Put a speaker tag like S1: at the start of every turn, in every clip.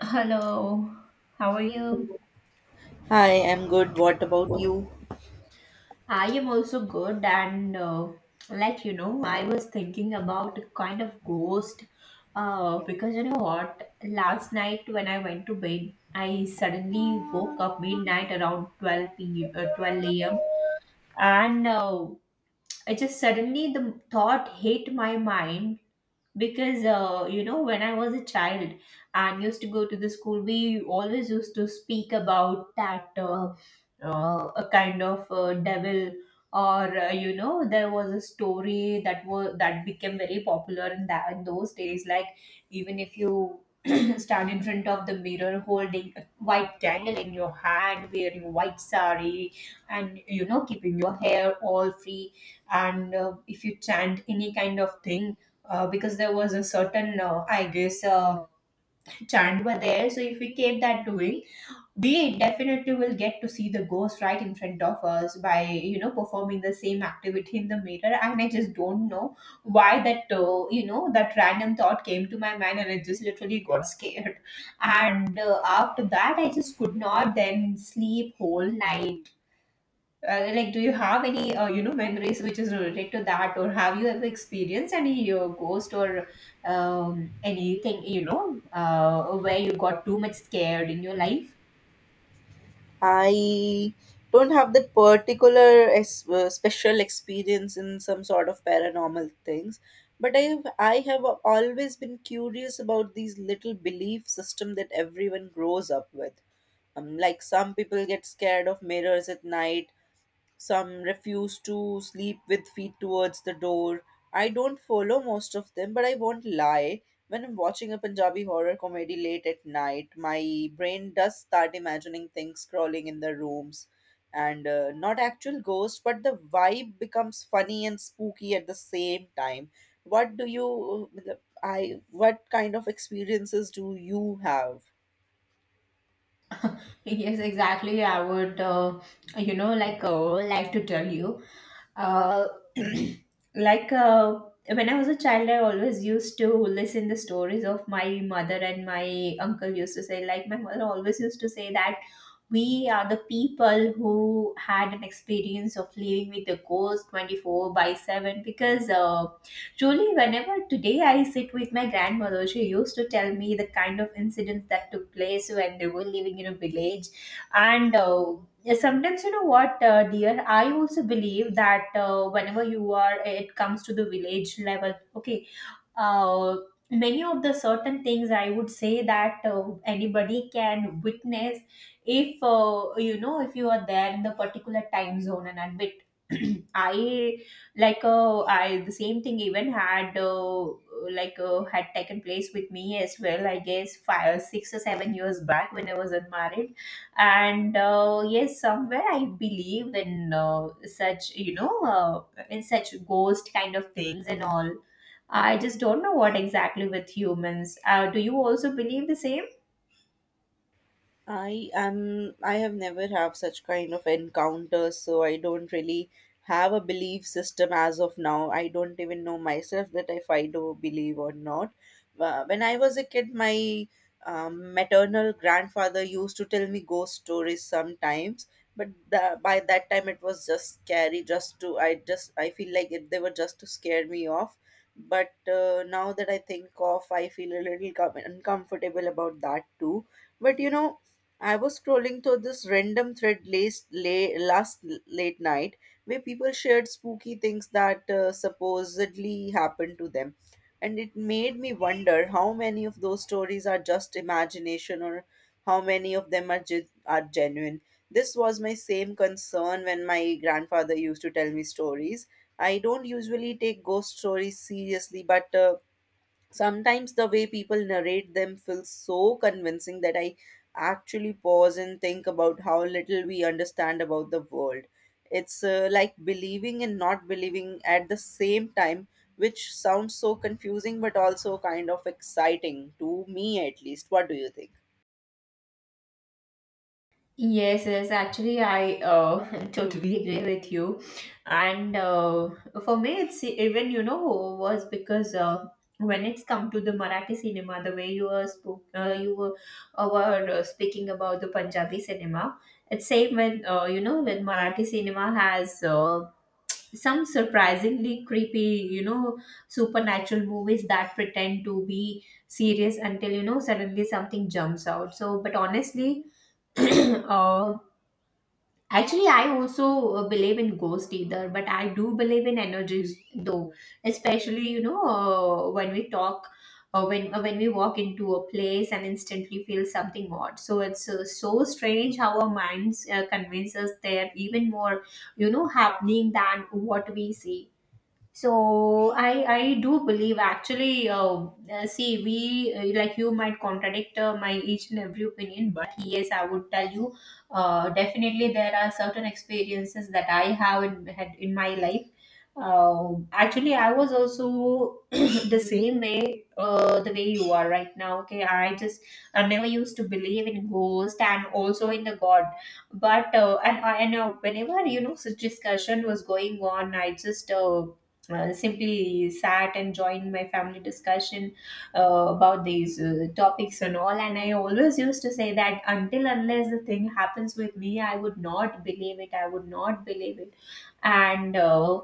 S1: Hello, how are you?
S2: Hi, I'm good. What about you?
S1: I am also good, and I was thinking about kind of ghost because you know what? Last night when I went to bed, I suddenly woke up midnight around 12 p. Uh, 12 a.m. And I just suddenly the thought hit my mind because you know, when I was a child and used to go to the school, we always used to speak about that a kind of devil. Or you know, there was a story that became very popular in those days, like even if you stand in front of the mirror holding a white candle in your hand wearing white sari and, you know, keeping your hair all free, and if you chant any kind of thing, because there was a certain, I guess, chant were there. So if we keep that doing, we definitely will get to see the ghost right in front of us by, you know, performing the same activity in the mirror. And I just don't know why that, you know, that random thought came to my mind, and I just literally got scared. And after that, I just could not then sleep whole night. Like, do you have any you know, memories which is related to that, or have you ever experienced any ghost, or anything, you know, where you got too much scared in your life?
S2: I don't have that particular special experience in some sort of paranormal things, but I have always been curious about these little belief system that everyone grows up with. Like some people get scared of mirrors at night. Some refuse to sleep with feet towards the door. I don't follow most of them, but I won't lie. When I'm watching a Punjabi horror comedy late at night, my brain does start imagining things crawling in the rooms and not actual ghosts, but the vibe becomes funny and spooky at the same time. What do you, uh, what kind of experiences do you have?
S1: Yes, exactly. I would like to tell you, uh, like uh, when I was a child, I always used to listen the stories of my mother, and my uncle used to say, like, my mother always used to say that we are the people who had an experience of living with the ghost 24 by 7. Because truly, whenever today I sit with my grandmother, she used to tell me the kind of incidents that took place when they were living in a village. And sometimes, you know what, dear, I also believe that, it comes to the village level, okay. uh, Many of the certain things, I would say that anybody can witness, if, you know, if you are there in the particular time zone and admit. i I the same thing even had taken place with me as well, I guess 5, 6 or 7 years back, when I was unmarried. And yes, somewhere I believe in, such you know in such ghost kind of things and all. I just don't know what exactly with humans. Do you also believe the same?
S2: I have never have such kind of encounters, so I don't really have a belief system as of now. I don't even know myself that if I do believe or not. When I was a kid, my maternal grandfather used to tell me ghost stories sometimes, but by that time it was just scary. Just to I just I feel like they were just to scare me off. But now that I think of, I feel a little uncomfortable about that too. But you know, I was scrolling through this random thread last late night where people shared spooky things that supposedly happened to them, and it made me wonder how many of those stories are just imagination or how many of them are are genuine. This was my same concern when my grandfather used to tell me stories. I don't usually take ghost stories seriously, but sometimes the way people narrate them feels so convincing that I actually pause and think about how little we understand about the world. It's like believing and not believing at the same time, which sounds so confusing but also kind of exciting to me at least. What do you think?
S1: Yes, yes, actually, I totally agree with you. And for me, it's even, you know, was because when it's come to the Marathi cinema, the way you were, spoke, you were speaking about the Punjabi cinema, it's same when, you know, when Marathi cinema has some surprisingly creepy, you know, supernatural movies that pretend to be serious until, you know, suddenly something jumps out. So, but honestly, uh, actually I also believe in ghost either, but I do believe in energies though, especially, you know, when we walk into a place and instantly feel something odd. So it's so strange how our minds convince us they're even more, you know, happening than what we see. So I do believe, actually. See, we like, you might contradict my each and every opinion, but yes, I would tell you, definitely there are certain experiences that I have in had in my life. Actually, I was also the same way, the way you are right now, okay. I just, I never used to believe in ghost, and also in the god. But uh, and I and uh, whenever, you know, such discussion was going on, I just simply sat and joined my family discussion about these topics and all. And I always used to say that, until unless the thing happens with me, I would not believe it. And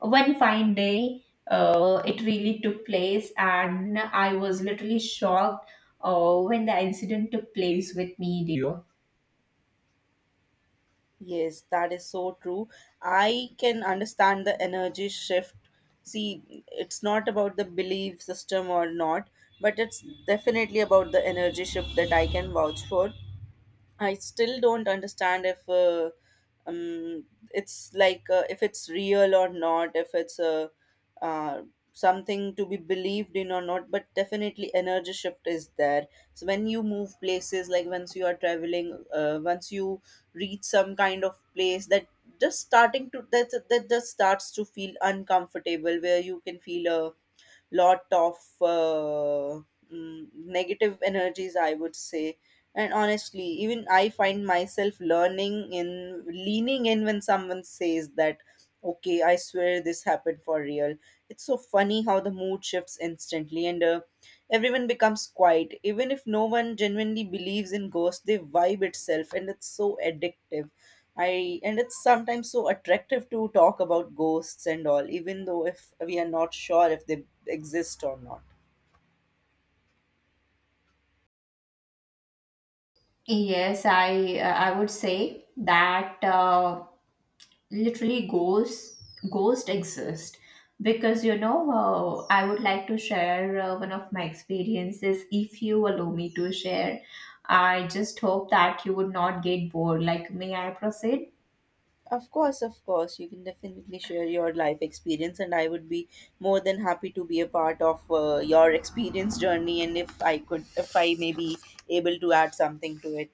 S1: one fine day, it really took place, and I was literally shocked when the incident took place with me. You?
S2: Yes, that is so true. I can understand the energy shift. See, it's not about the belief system or not, but it's definitely about the energy shift that I can vouch for. I still don't understand um, if it's real or not, if it's uh, something to be believed in or not. But definitely, energy shift is there. So when you move places, like once you are traveling, once you reach some kind of place that just starting to that that just starts to feel uncomfortable, where you can feel a lot of uh, negative energies I would say. And honestly, even I find myself learning in leaning in when someone says that, okay, I swear this happened for real. It's so funny how the mood shifts instantly and everyone becomes quiet. Even if no one genuinely believes in ghosts, they vibe itself, and it's so addictive. I and it's sometimes so attractive to talk about ghosts and all, even though if we are not sure if they exist or not.
S1: Yes, I would say that, literally, ghosts exist. Because, you know, I would like to share one of my experiences, if you allow me to share. I just hope that you would not get bored. Like, may I proceed?
S2: Of course, you can definitely share your life experience, and I would be more than happy to be a part of your experience journey. And if I could, if I may be able to add something to it.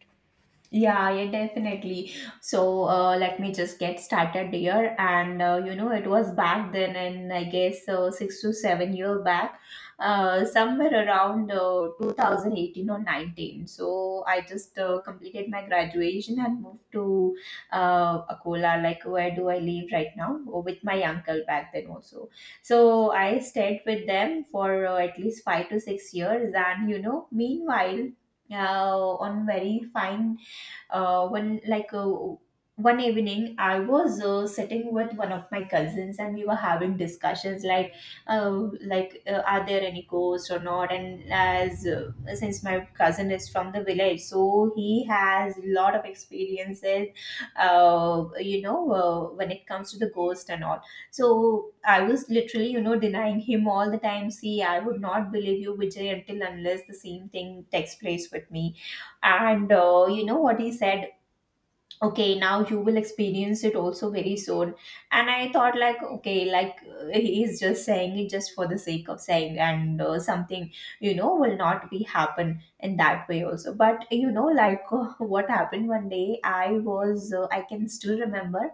S1: Yeah, yeah, definitely. So let me just get started here. And you know, it was back then, and I guess 6 to 7 year back, somewhere around 2018 or 19. So I just completed my graduation and moved to Akola, like where do I live right now, or with my uncle back then also. So I stayed with them for at least 5 to 6 years, and, you know, meanwhile, on very fine one like one evening I was sitting with one of my cousins, and we were having discussions like, uh, are there any ghosts or not. And as since my cousin is from the village, so he has a lot of experiences when it comes to the ghost and all. So I was literally, you know, denying him all the time. See, I would not believe you, Vijay, until unless the same thing takes place with me. And you know what he said? Okay, now you will experience it also very soon. And I thought, like, okay, he is just saying it just for the sake of saying, and something, you know, will not be happen in that way also. But you know, like, what happened, one day I can still remember.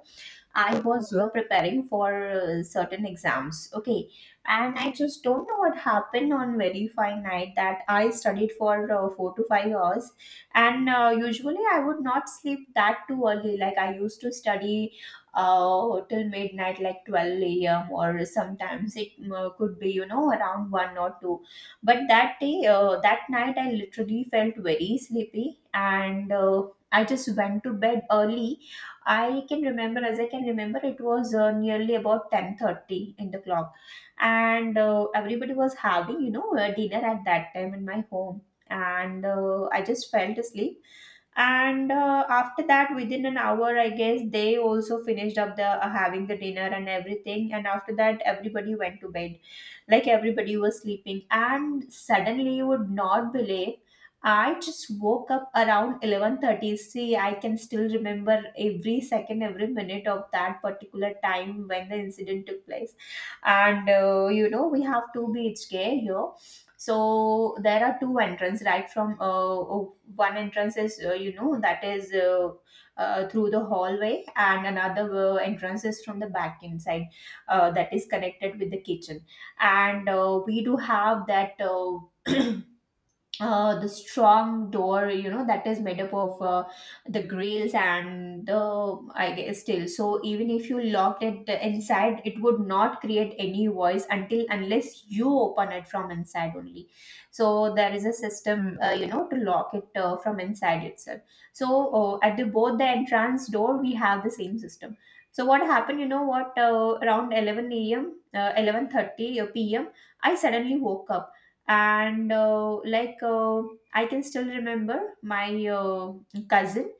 S1: I was preparing for certain exams, okay, and I just don't know what happened on verify night that I studied for 4 to 5 hours. And usually I would not sleep that too early. Like, I used to study till midnight, like 12 a.m., or sometimes it could be, you know, around one or two. But that day, that night, I literally felt very sleepy and I just went to bed early. As I can remember, it was nearly about 10:30 in the clock, and everybody was having, you know, dinner at that time in my home, and I just fell asleep. And after that, within an hour, I guess, they also finished up the having the dinner and everything. And after that, everybody went to bed. Like, everybody was sleeping, and suddenly, you would not believe, I just woke up around 11:30. See, I can still remember every second, every minute of that particular time when the incident took place. And you know, we have two beach gay here. So there are two entrance right from, one entrance is, you know, that is through the hallway, and another entrance is from the back inside, that is connected with the kitchen. And we do have that, the strong door, you know, that is made up of the grills and the, I guess, still. So even if you locked it inside, it would not create any voice until unless you open it from inside only. So there is a system, you know, to lock it from inside itself. So at the both the entrance door, we have the same system. So what happened, you know what, around 11 a.m uh, 11:30 p.m, I suddenly woke up. And I can still remember, my cousin,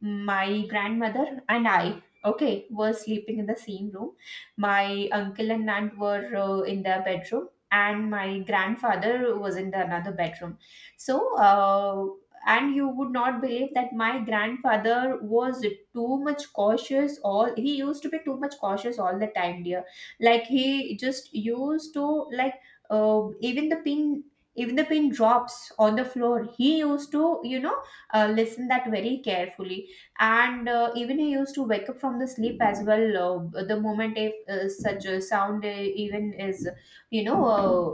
S1: my grandmother and I, okay, were sleeping in the same room. My uncle and aunt were in their bedroom, and my grandfather was in the another bedroom. So, and you would not believe that my grandfather was too much cautious. All he used to be too much cautious all the time, dear. Like, he just used to, like, uh, even the pin. Even the pin drops on the floor, he used to, you know, listen that very carefully. And even I used to wake up from the sleep as well. The moment if such a sound even is, you know,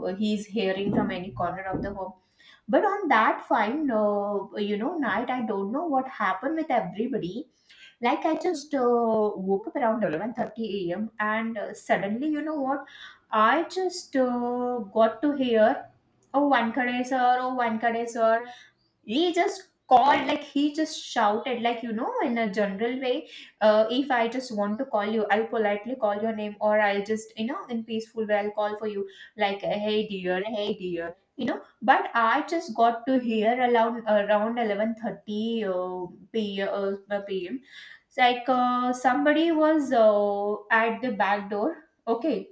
S1: he's hearing from any corner of the home. But on that fine, you know, night, I don't know what happened with everybody. Like I just woke up around 11:30 a.m. And suddenly, you know what, I just got to hear, one kade sir, one kade sir. He just called, like he just shouted, like, you know, in a general way. If I just want to call you, I'll politely call your name, or I'll just, you know, in peaceful way I'll call for you, like, hey dear, hey dear, you know. But I just got to hear around 11:30 p pm. It's like somebody was at the back door. Okay,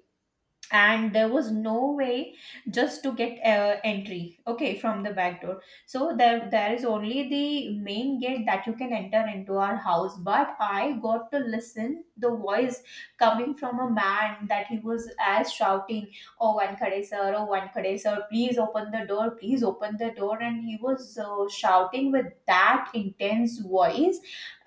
S1: and there was no way just to get entry, okay, from the back door. So there is only the main gate that you can enter into our house. But I got to listen the voice coming from a man that he was as shouting, oh one khade sir, oh one khade sir, please open the door, please open the door. And he was shouting with that intense voice.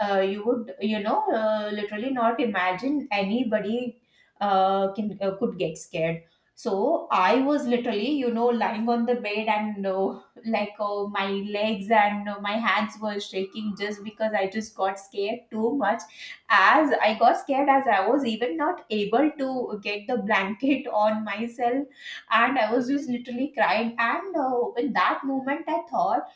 S1: You would, you know, literally not imagine anybody can could get scared. So I was literally, you know, lying on the bed, and like my legs and my hands were shaking, just because I just got scared too much. As I got scared, as I was even not able to get the blanket on myself. And I was just literally crying, and in that moment I thought,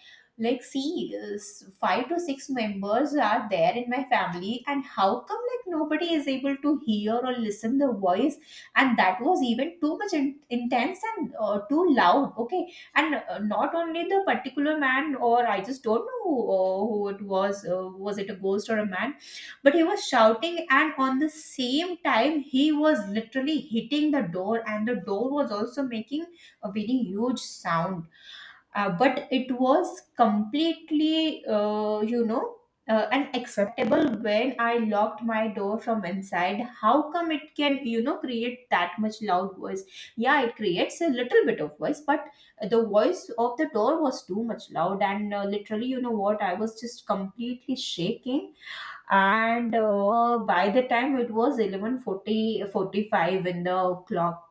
S1: like, see, five to six members are there in my family, and how come like nobody is able to hear or listen the voice. And that was even too much intense and too loud, okay. And not only the particular man, or I just don't know who it was, was it a ghost or a man. But he was shouting, and on the same time he was literally hitting the door, and the door was also making a very huge sound. But it was completely unacceptable. When I locked my door from inside, how come it can, you know, create that much loud voice? Yeah, it creates a little bit of voice, but the voice of the door was too much loud. And literally, you know what, I was just completely shaking. And by the time it was eleven forty forty-five in the clock.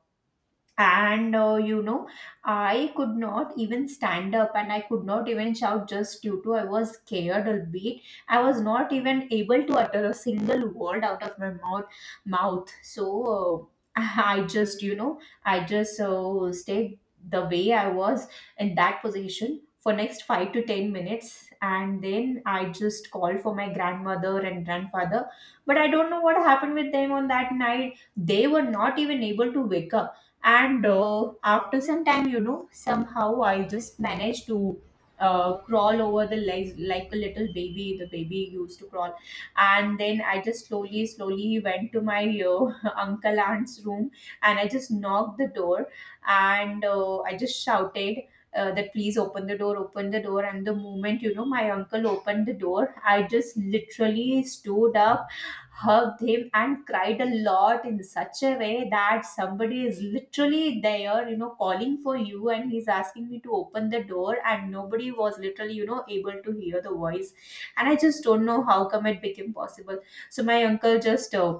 S1: And you know, I could not even stand up, and I could not even shout, just due to I was scared a bit. I was not even able to utter a single word out of my mouth. So uh, I just, you know, I just stayed the way I was, in that position for next 5 to 10 minutes. And then I just called for my grandmother and grandfather. But I don't know what happened with them on that night. They were not even able to wake up. And after some time, you know, somehow I just managed to crawl over the legs like a little baby, the baby used to crawl. And then I just slowly slowly went to my uncle aunt's room. And I just knocked the door. And I just shouted, that, please open the door, open the door. And the moment, you know, my uncle opened the door, I just literally stood up, hugged him, and cried a lot, in such a way that, somebody is literally there, you know, calling for you, and he's asking me to open the door, and nobody was literally, you know, able to hear the voice. And I just don't know how come it became possible. So my uncle just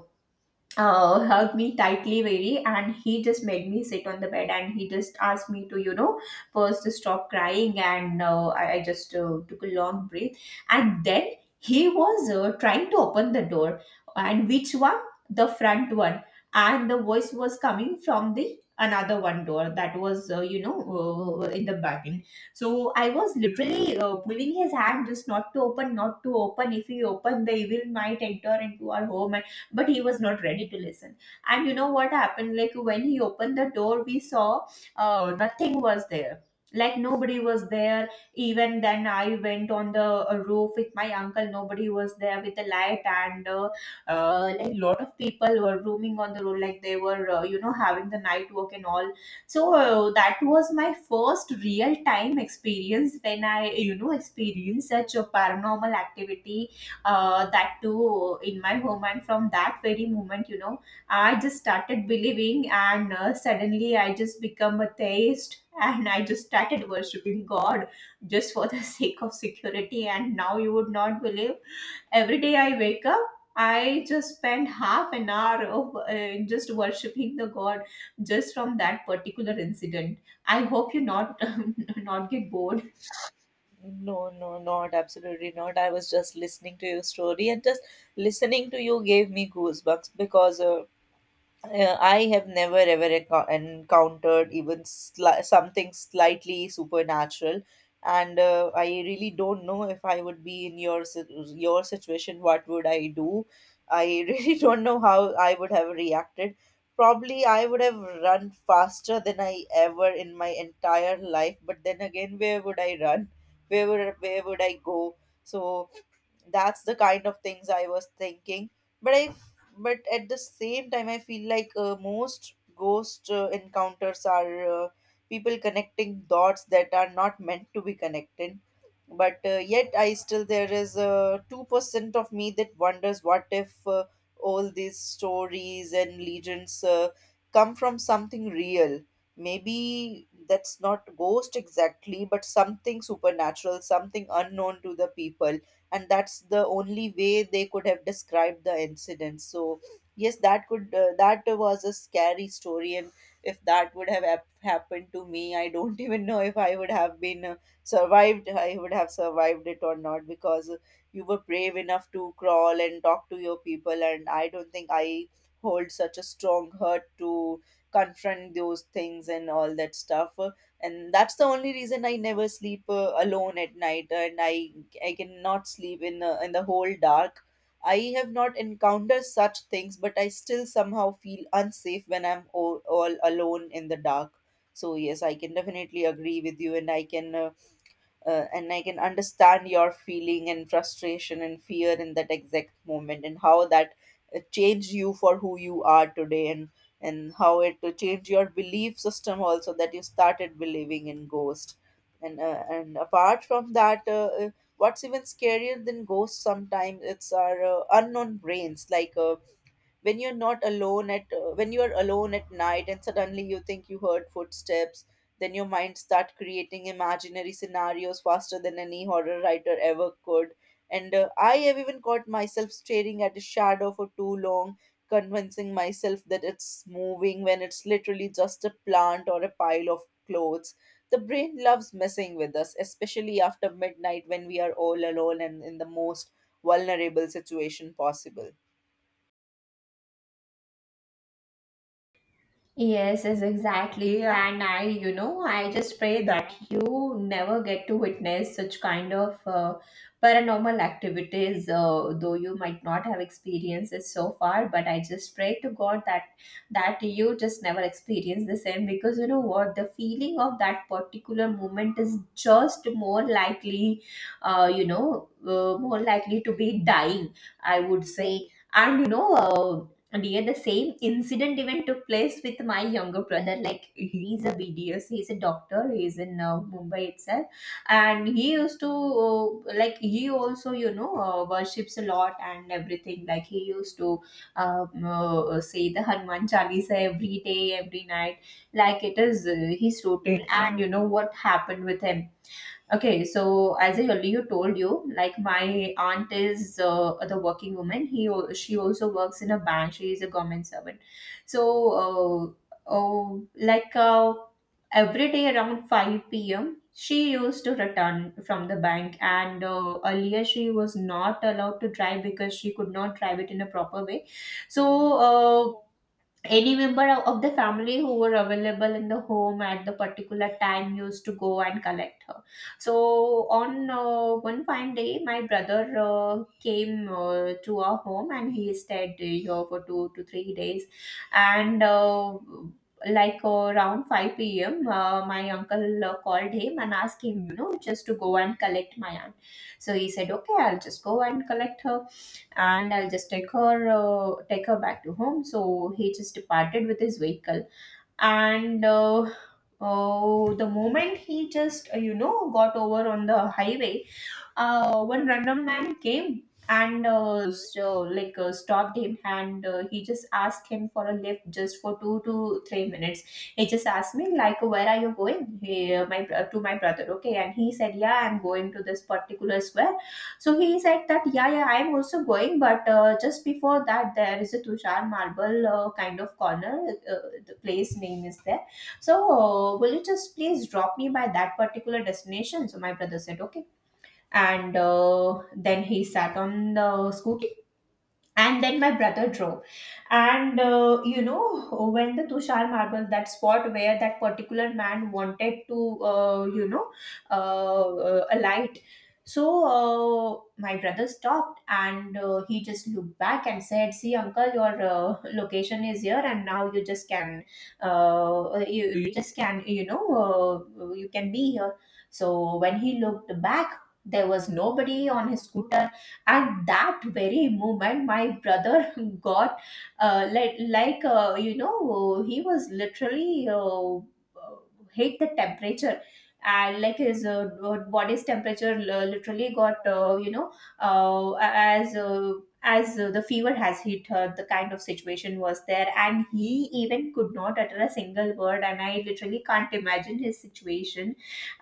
S1: hugged me tightly very, and he just made me sit on the bed, and he just asked me to, you know, first to stop crying. And I just took a long breath. And then he was trying to open the door. And which one? The front one. And the voice was coming from the another one door that was, in the bagging. So I was literally pulling his hand, just not to open. If he opened, the evil might enter into our home. But he was not ready to listen. And you know what happened, like, when he opened the door, we saw nothing was there, like nobody was there. Even then I went on the roof with my uncle. Nobody was there with the light. And like, lot of people were roaming on the road, like they were, you know, having the night walk and all. So that was my first real time experience, when I, you know, experienced such a paranormal activity. That too in my home. And from that very moment, you know, I just started believing. And suddenly I just become a theist and I just started worshiping god, just for the sake of security. And now you would not believe, every day I wake up, I just spend half an hour of just worshiping the god, just from that particular incident. I hope you not not get bored.
S2: No, no, not absolutely not. I was just listening to your story and just listening to you gave me goosebumps because I have never ever encountered even something slightly supernatural, and I really don't know if I would be in your your situation. What would I do? I really don't know how I would have reacted. Probably I would have run faster than I ever in my entire life. But then again, where would I run? Where would I go? So that's the kind of things I was thinking. But i but at the same time, I feel like most ghost encounters are people connecting dots that are not meant to be connected. But yet I still there is a 2% of me that wonders what if all these stories and legends come from something real. Maybe that's not ghost exactly, but something supernatural, something unknown to the people, and that's the only way they could have described the incident. So yes, that was a scary story. And if that would have happened to me, I don't even know if I would have been survived I would have survived it or not, because you were brave enough to crawl and talk to your people, and I don't think I hold such a strong hurt to confront those things and all that stuff. And that's the only reason I never sleep alone at night, and I cannot sleep in the whole dark. I have not encountered such things, but I still somehow feel unsafe when I'm all alone in the dark. So yes, I can definitely agree with you, and I can understand your feeling and frustration and fear in that exact moment, and how that changed you for who you are today, and how it changed your belief system also, that you started believing in ghosts. And apart from that, what's even scarier than ghosts sometimes, it's our unknown brains. Like when you're not alone at when you're alone at night and suddenly you think you heard footsteps, then your mind start creating imaginary scenarios faster than any horror writer ever could. And I have even caught myself staring at a shadow for too long, convincing myself that it's moving when it's literally just a plant or a pile of clothes. The brain loves messing with us, especially after midnight when we are all alone and in the most vulnerable situation possible.
S1: Yes, yes, exactly. And I, you know, I just pray that you never get to witness such kind of paranormal activities, though you might not have experienced it so far. But I just pray to God that you just never experience the same. Because you know what, the feeling of that particular moment is just more likely, more likely to be dying, I would say. And you know and yet the same incident even took place with my younger brother. Like, he's a BDS, he's a doctor, he's in Mumbai itself. And he used to like, he also, you know, worships a lot and everything. Like, he used to say the Hanuman Chalisa every day, every night. Like, it is his routine. And you know what happened with him? Okay, so as I earlier told you, like, my aunt is the working woman. She also works in a bank. She is a government servant. So, uh, oh, like uh, every day around five p.m., she used to return from the bank. And earlier, she was not allowed to drive, because she could not drive it in a proper way. So. Uh, any member of the family who were available in the home at the particular time used to go and collect her. So on one fine day my brother came to our home, and he stayed here for 2 to 3 days. And like around 5 p.m my uncle called him and asked him, you know, just to go and collect my aunt. So he said, okay, I'll just go and collect her, and I'll just take her back to home. So he just departed with his vehicle. And oh, the moment he just you know got over on the highway, one random man came and stopped him. And he just asked him for a lift just for 2 to 3 minutes. He just asked me, like, where are you going, he, my to my brother, okay. And he said, yeah, I'm going to this particular square. So he said that, yeah, yeah, I'm also going, but just before that there is a Tushar Marble kind of corner, uh, the place name is there. So will you just please drop me by that particular destination? So my brother said, okay. And then he sat on the scooty, and then my brother drove. And you know, when the Tushar Marble, that spot where that particular man wanted to, alight. So my brother stopped. And he just looked back and said, see uncle, your location is here, and now you just can, you, just can, you know, you can be here. So when he looked back, there was nobody on his scooter. At that very moment, my brother got you know, he was literally hit the temperature. And like, his body's temperature literally got, you know uh, as uh, as the fever has hit her, the kind of situation was there. And he even could not utter a single word. And I literally can't imagine his situation.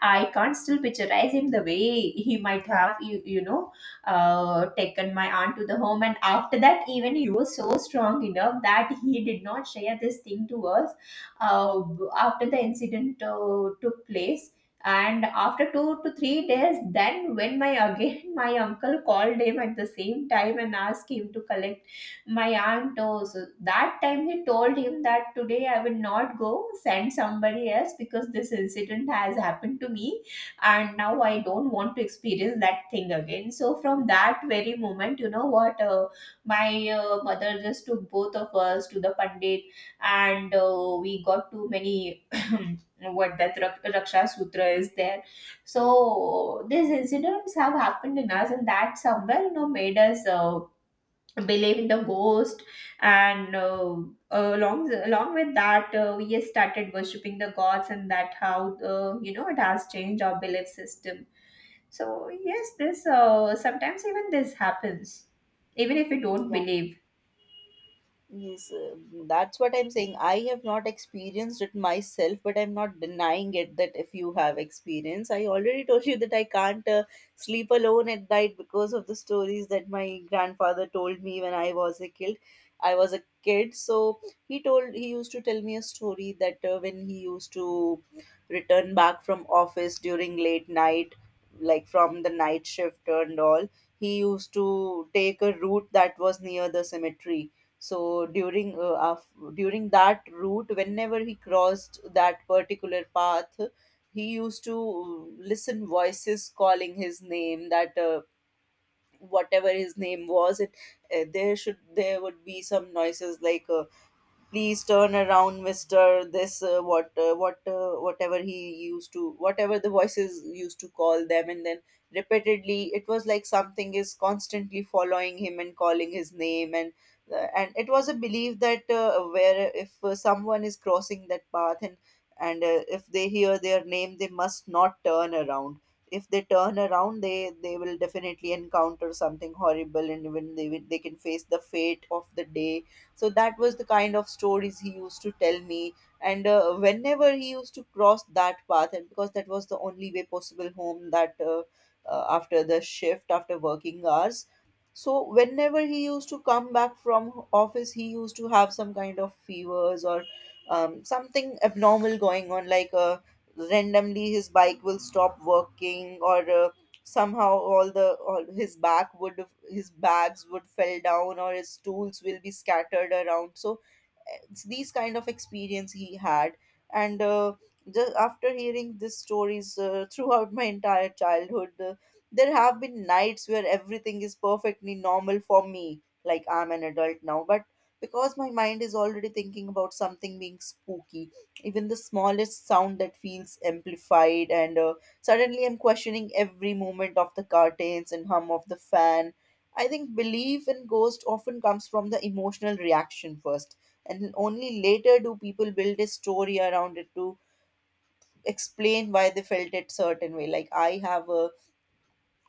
S1: I can't still picturize him the way he might have, you know, taken my aunt to the home. And after that, even he was so strong enough that he did not share this thing to us uh, after the incident took place. And after 2 to 3 days, then when my again my uncle called him at the same time and asked him to collect my aunt. Oh. So that time he told him that today I will not go, send somebody else because this incident has happened to me, and now I don't want to experience that thing again. So from that very moment, you know what, my mother just took both of us to the pandit. And we got too many what that raksha sutra is there. So these incidents have happened in us, and that somewhere made us believe in the ghost. And along with that, we started worshipping the gods, and that how it has changed our belief system. So yes, this sometimes even this happens, even if we don't believe.
S2: Yes, that's what I'm saying. I have not experienced it myself, but I'm not denying it. That if you have experience, I already told you that I can't sleep alone at night because of the stories that my grandfather told me when I was a kid. I was a kid, so he used to tell me a story that when he used to return back from office during late night, like from the night shift and all, he used to take a route that was near the cemetery. So during during that route, whenever he crossed that particular path, he used to listen voices calling his name, that whatever his name was it, there would be some noises like, please turn around mister, this what whatever he used to whatever the voices used to call them. And then repeatedly it was like something is constantly following him and calling his name. And it was a belief that where if someone is crossing that path, and if they hear their name, they must not turn around. If they turn around, they will definitely encounter something horrible, and even they they can face the fate of the day. So that was the kind of stories he used to tell me. And whenever he used to cross that path, and because that was the only way possible home, that after the shift, after working hours, so whenever he used to come back from office, he used to have some kind of fevers or something abnormal going on. Like randomly his bike will stop working, or somehow all his back would, his bags would fell down, or his tools will be scattered around. So it's these kind of experience he had. And just after hearing these stories throughout my entire childhood, there have been nights where everything is perfectly normal for me, like I'm an adult now, but because my mind is already thinking about something being spooky, even the smallest sound that feels amplified. And suddenly I'm questioning every movement of the curtains and hum of the fan. I think belief in ghost often comes from the emotional reaction first, and only later do people build a story around it to explain why they felt it certain way. Like I have a,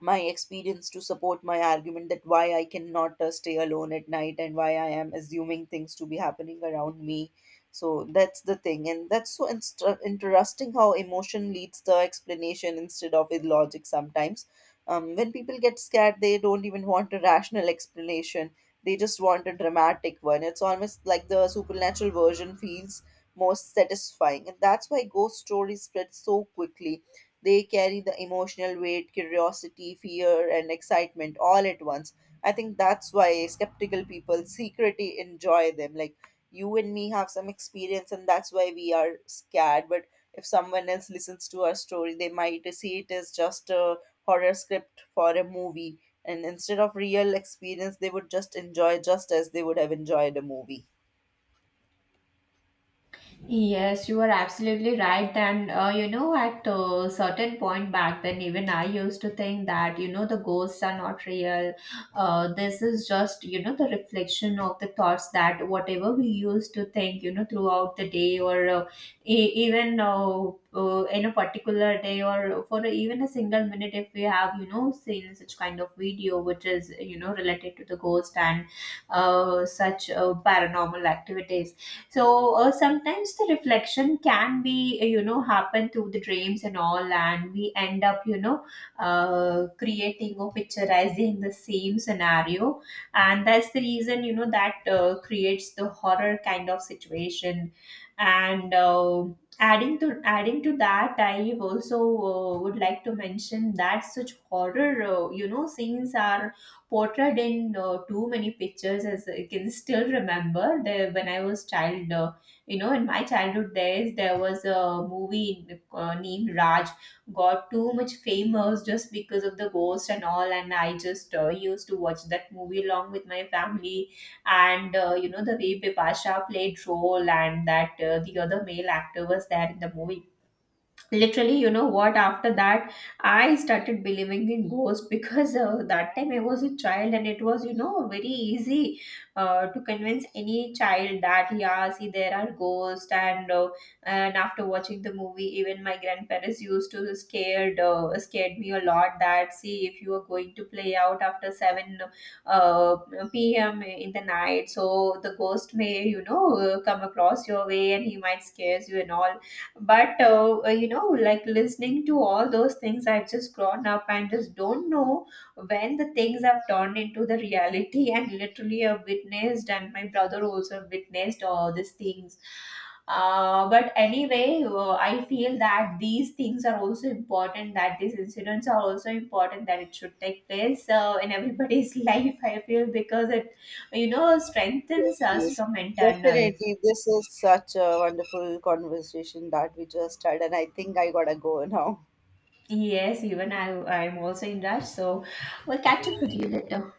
S2: my experience to support my argument that why I cannot stay alone at night, and why I am assuming things to be happening around me. So that's the thing, and that's so interesting how emotion leads the explanation instead of with logic sometimes. When people get scared, they don't even want a rational explanation. They just want a dramatic one. It's almost like the supernatural version feels most satisfying, and that's why ghost stories spread so quickly. They carry the emotional weight, curiosity, fear, and excitement all at once. I think that's why skeptical people secretly enjoy them. Like you and me have some experience, and that's why we are scared. But if someone else listens to our story, they might see it as just a horror script for a movie. And instead of real experience, they would just enjoy just as they would have enjoyed a movie.
S1: Yes, you are absolutely right. And at a certain point back then, even I used to think that the ghosts are not real. This is just the reflection of the thoughts that whatever we used to think, throughout the day, or even in a particular day, or for even a single minute, if we have seen such kind of video which is related to the ghost and such paranormal activities. So sometimes the reflection can be happen through the dreams and all, and we end up creating or picturizing the same scenario. And that's the reason that creates the horror kind of situation. And adding to that, I also would like to mention that such horror scenes are portrayed in too many pictures. As I can still remember when I was child, in my childhood days there was a movie named Raj, got too much famous just because of the ghost and all, and I just used to watch that movie along with my family. And the way Bipasha played role, and that the other male actor was there in the movie, literally, you know what, after that I started believing in ghosts because that time I was a child and it was very easy to convince any child that yeah, see, there are ghosts. And and after watching the movie even my grandparents used to scared me a lot that, see, if you are going to play out after 7 uh, p.m. in the night, so the ghost may come across your way and he might scares you and all. But like listening to all those things, I've just grown up and just don't know when the things have turned into the reality and literally I've witnessed and my brother also witnessed all these things, but anyway, I feel that these things are also important, that these incidents are also important, that it should take place in everybody's life, I feel, because it
S2: Yes,
S1: strengthens us
S2: yes.
S1: from internal.
S2: Definitely. This is such a wonderful conversation that we just had, and I think I gotta go now.
S1: Yes, even I, I'm also in rush. So we'll catch up with you later.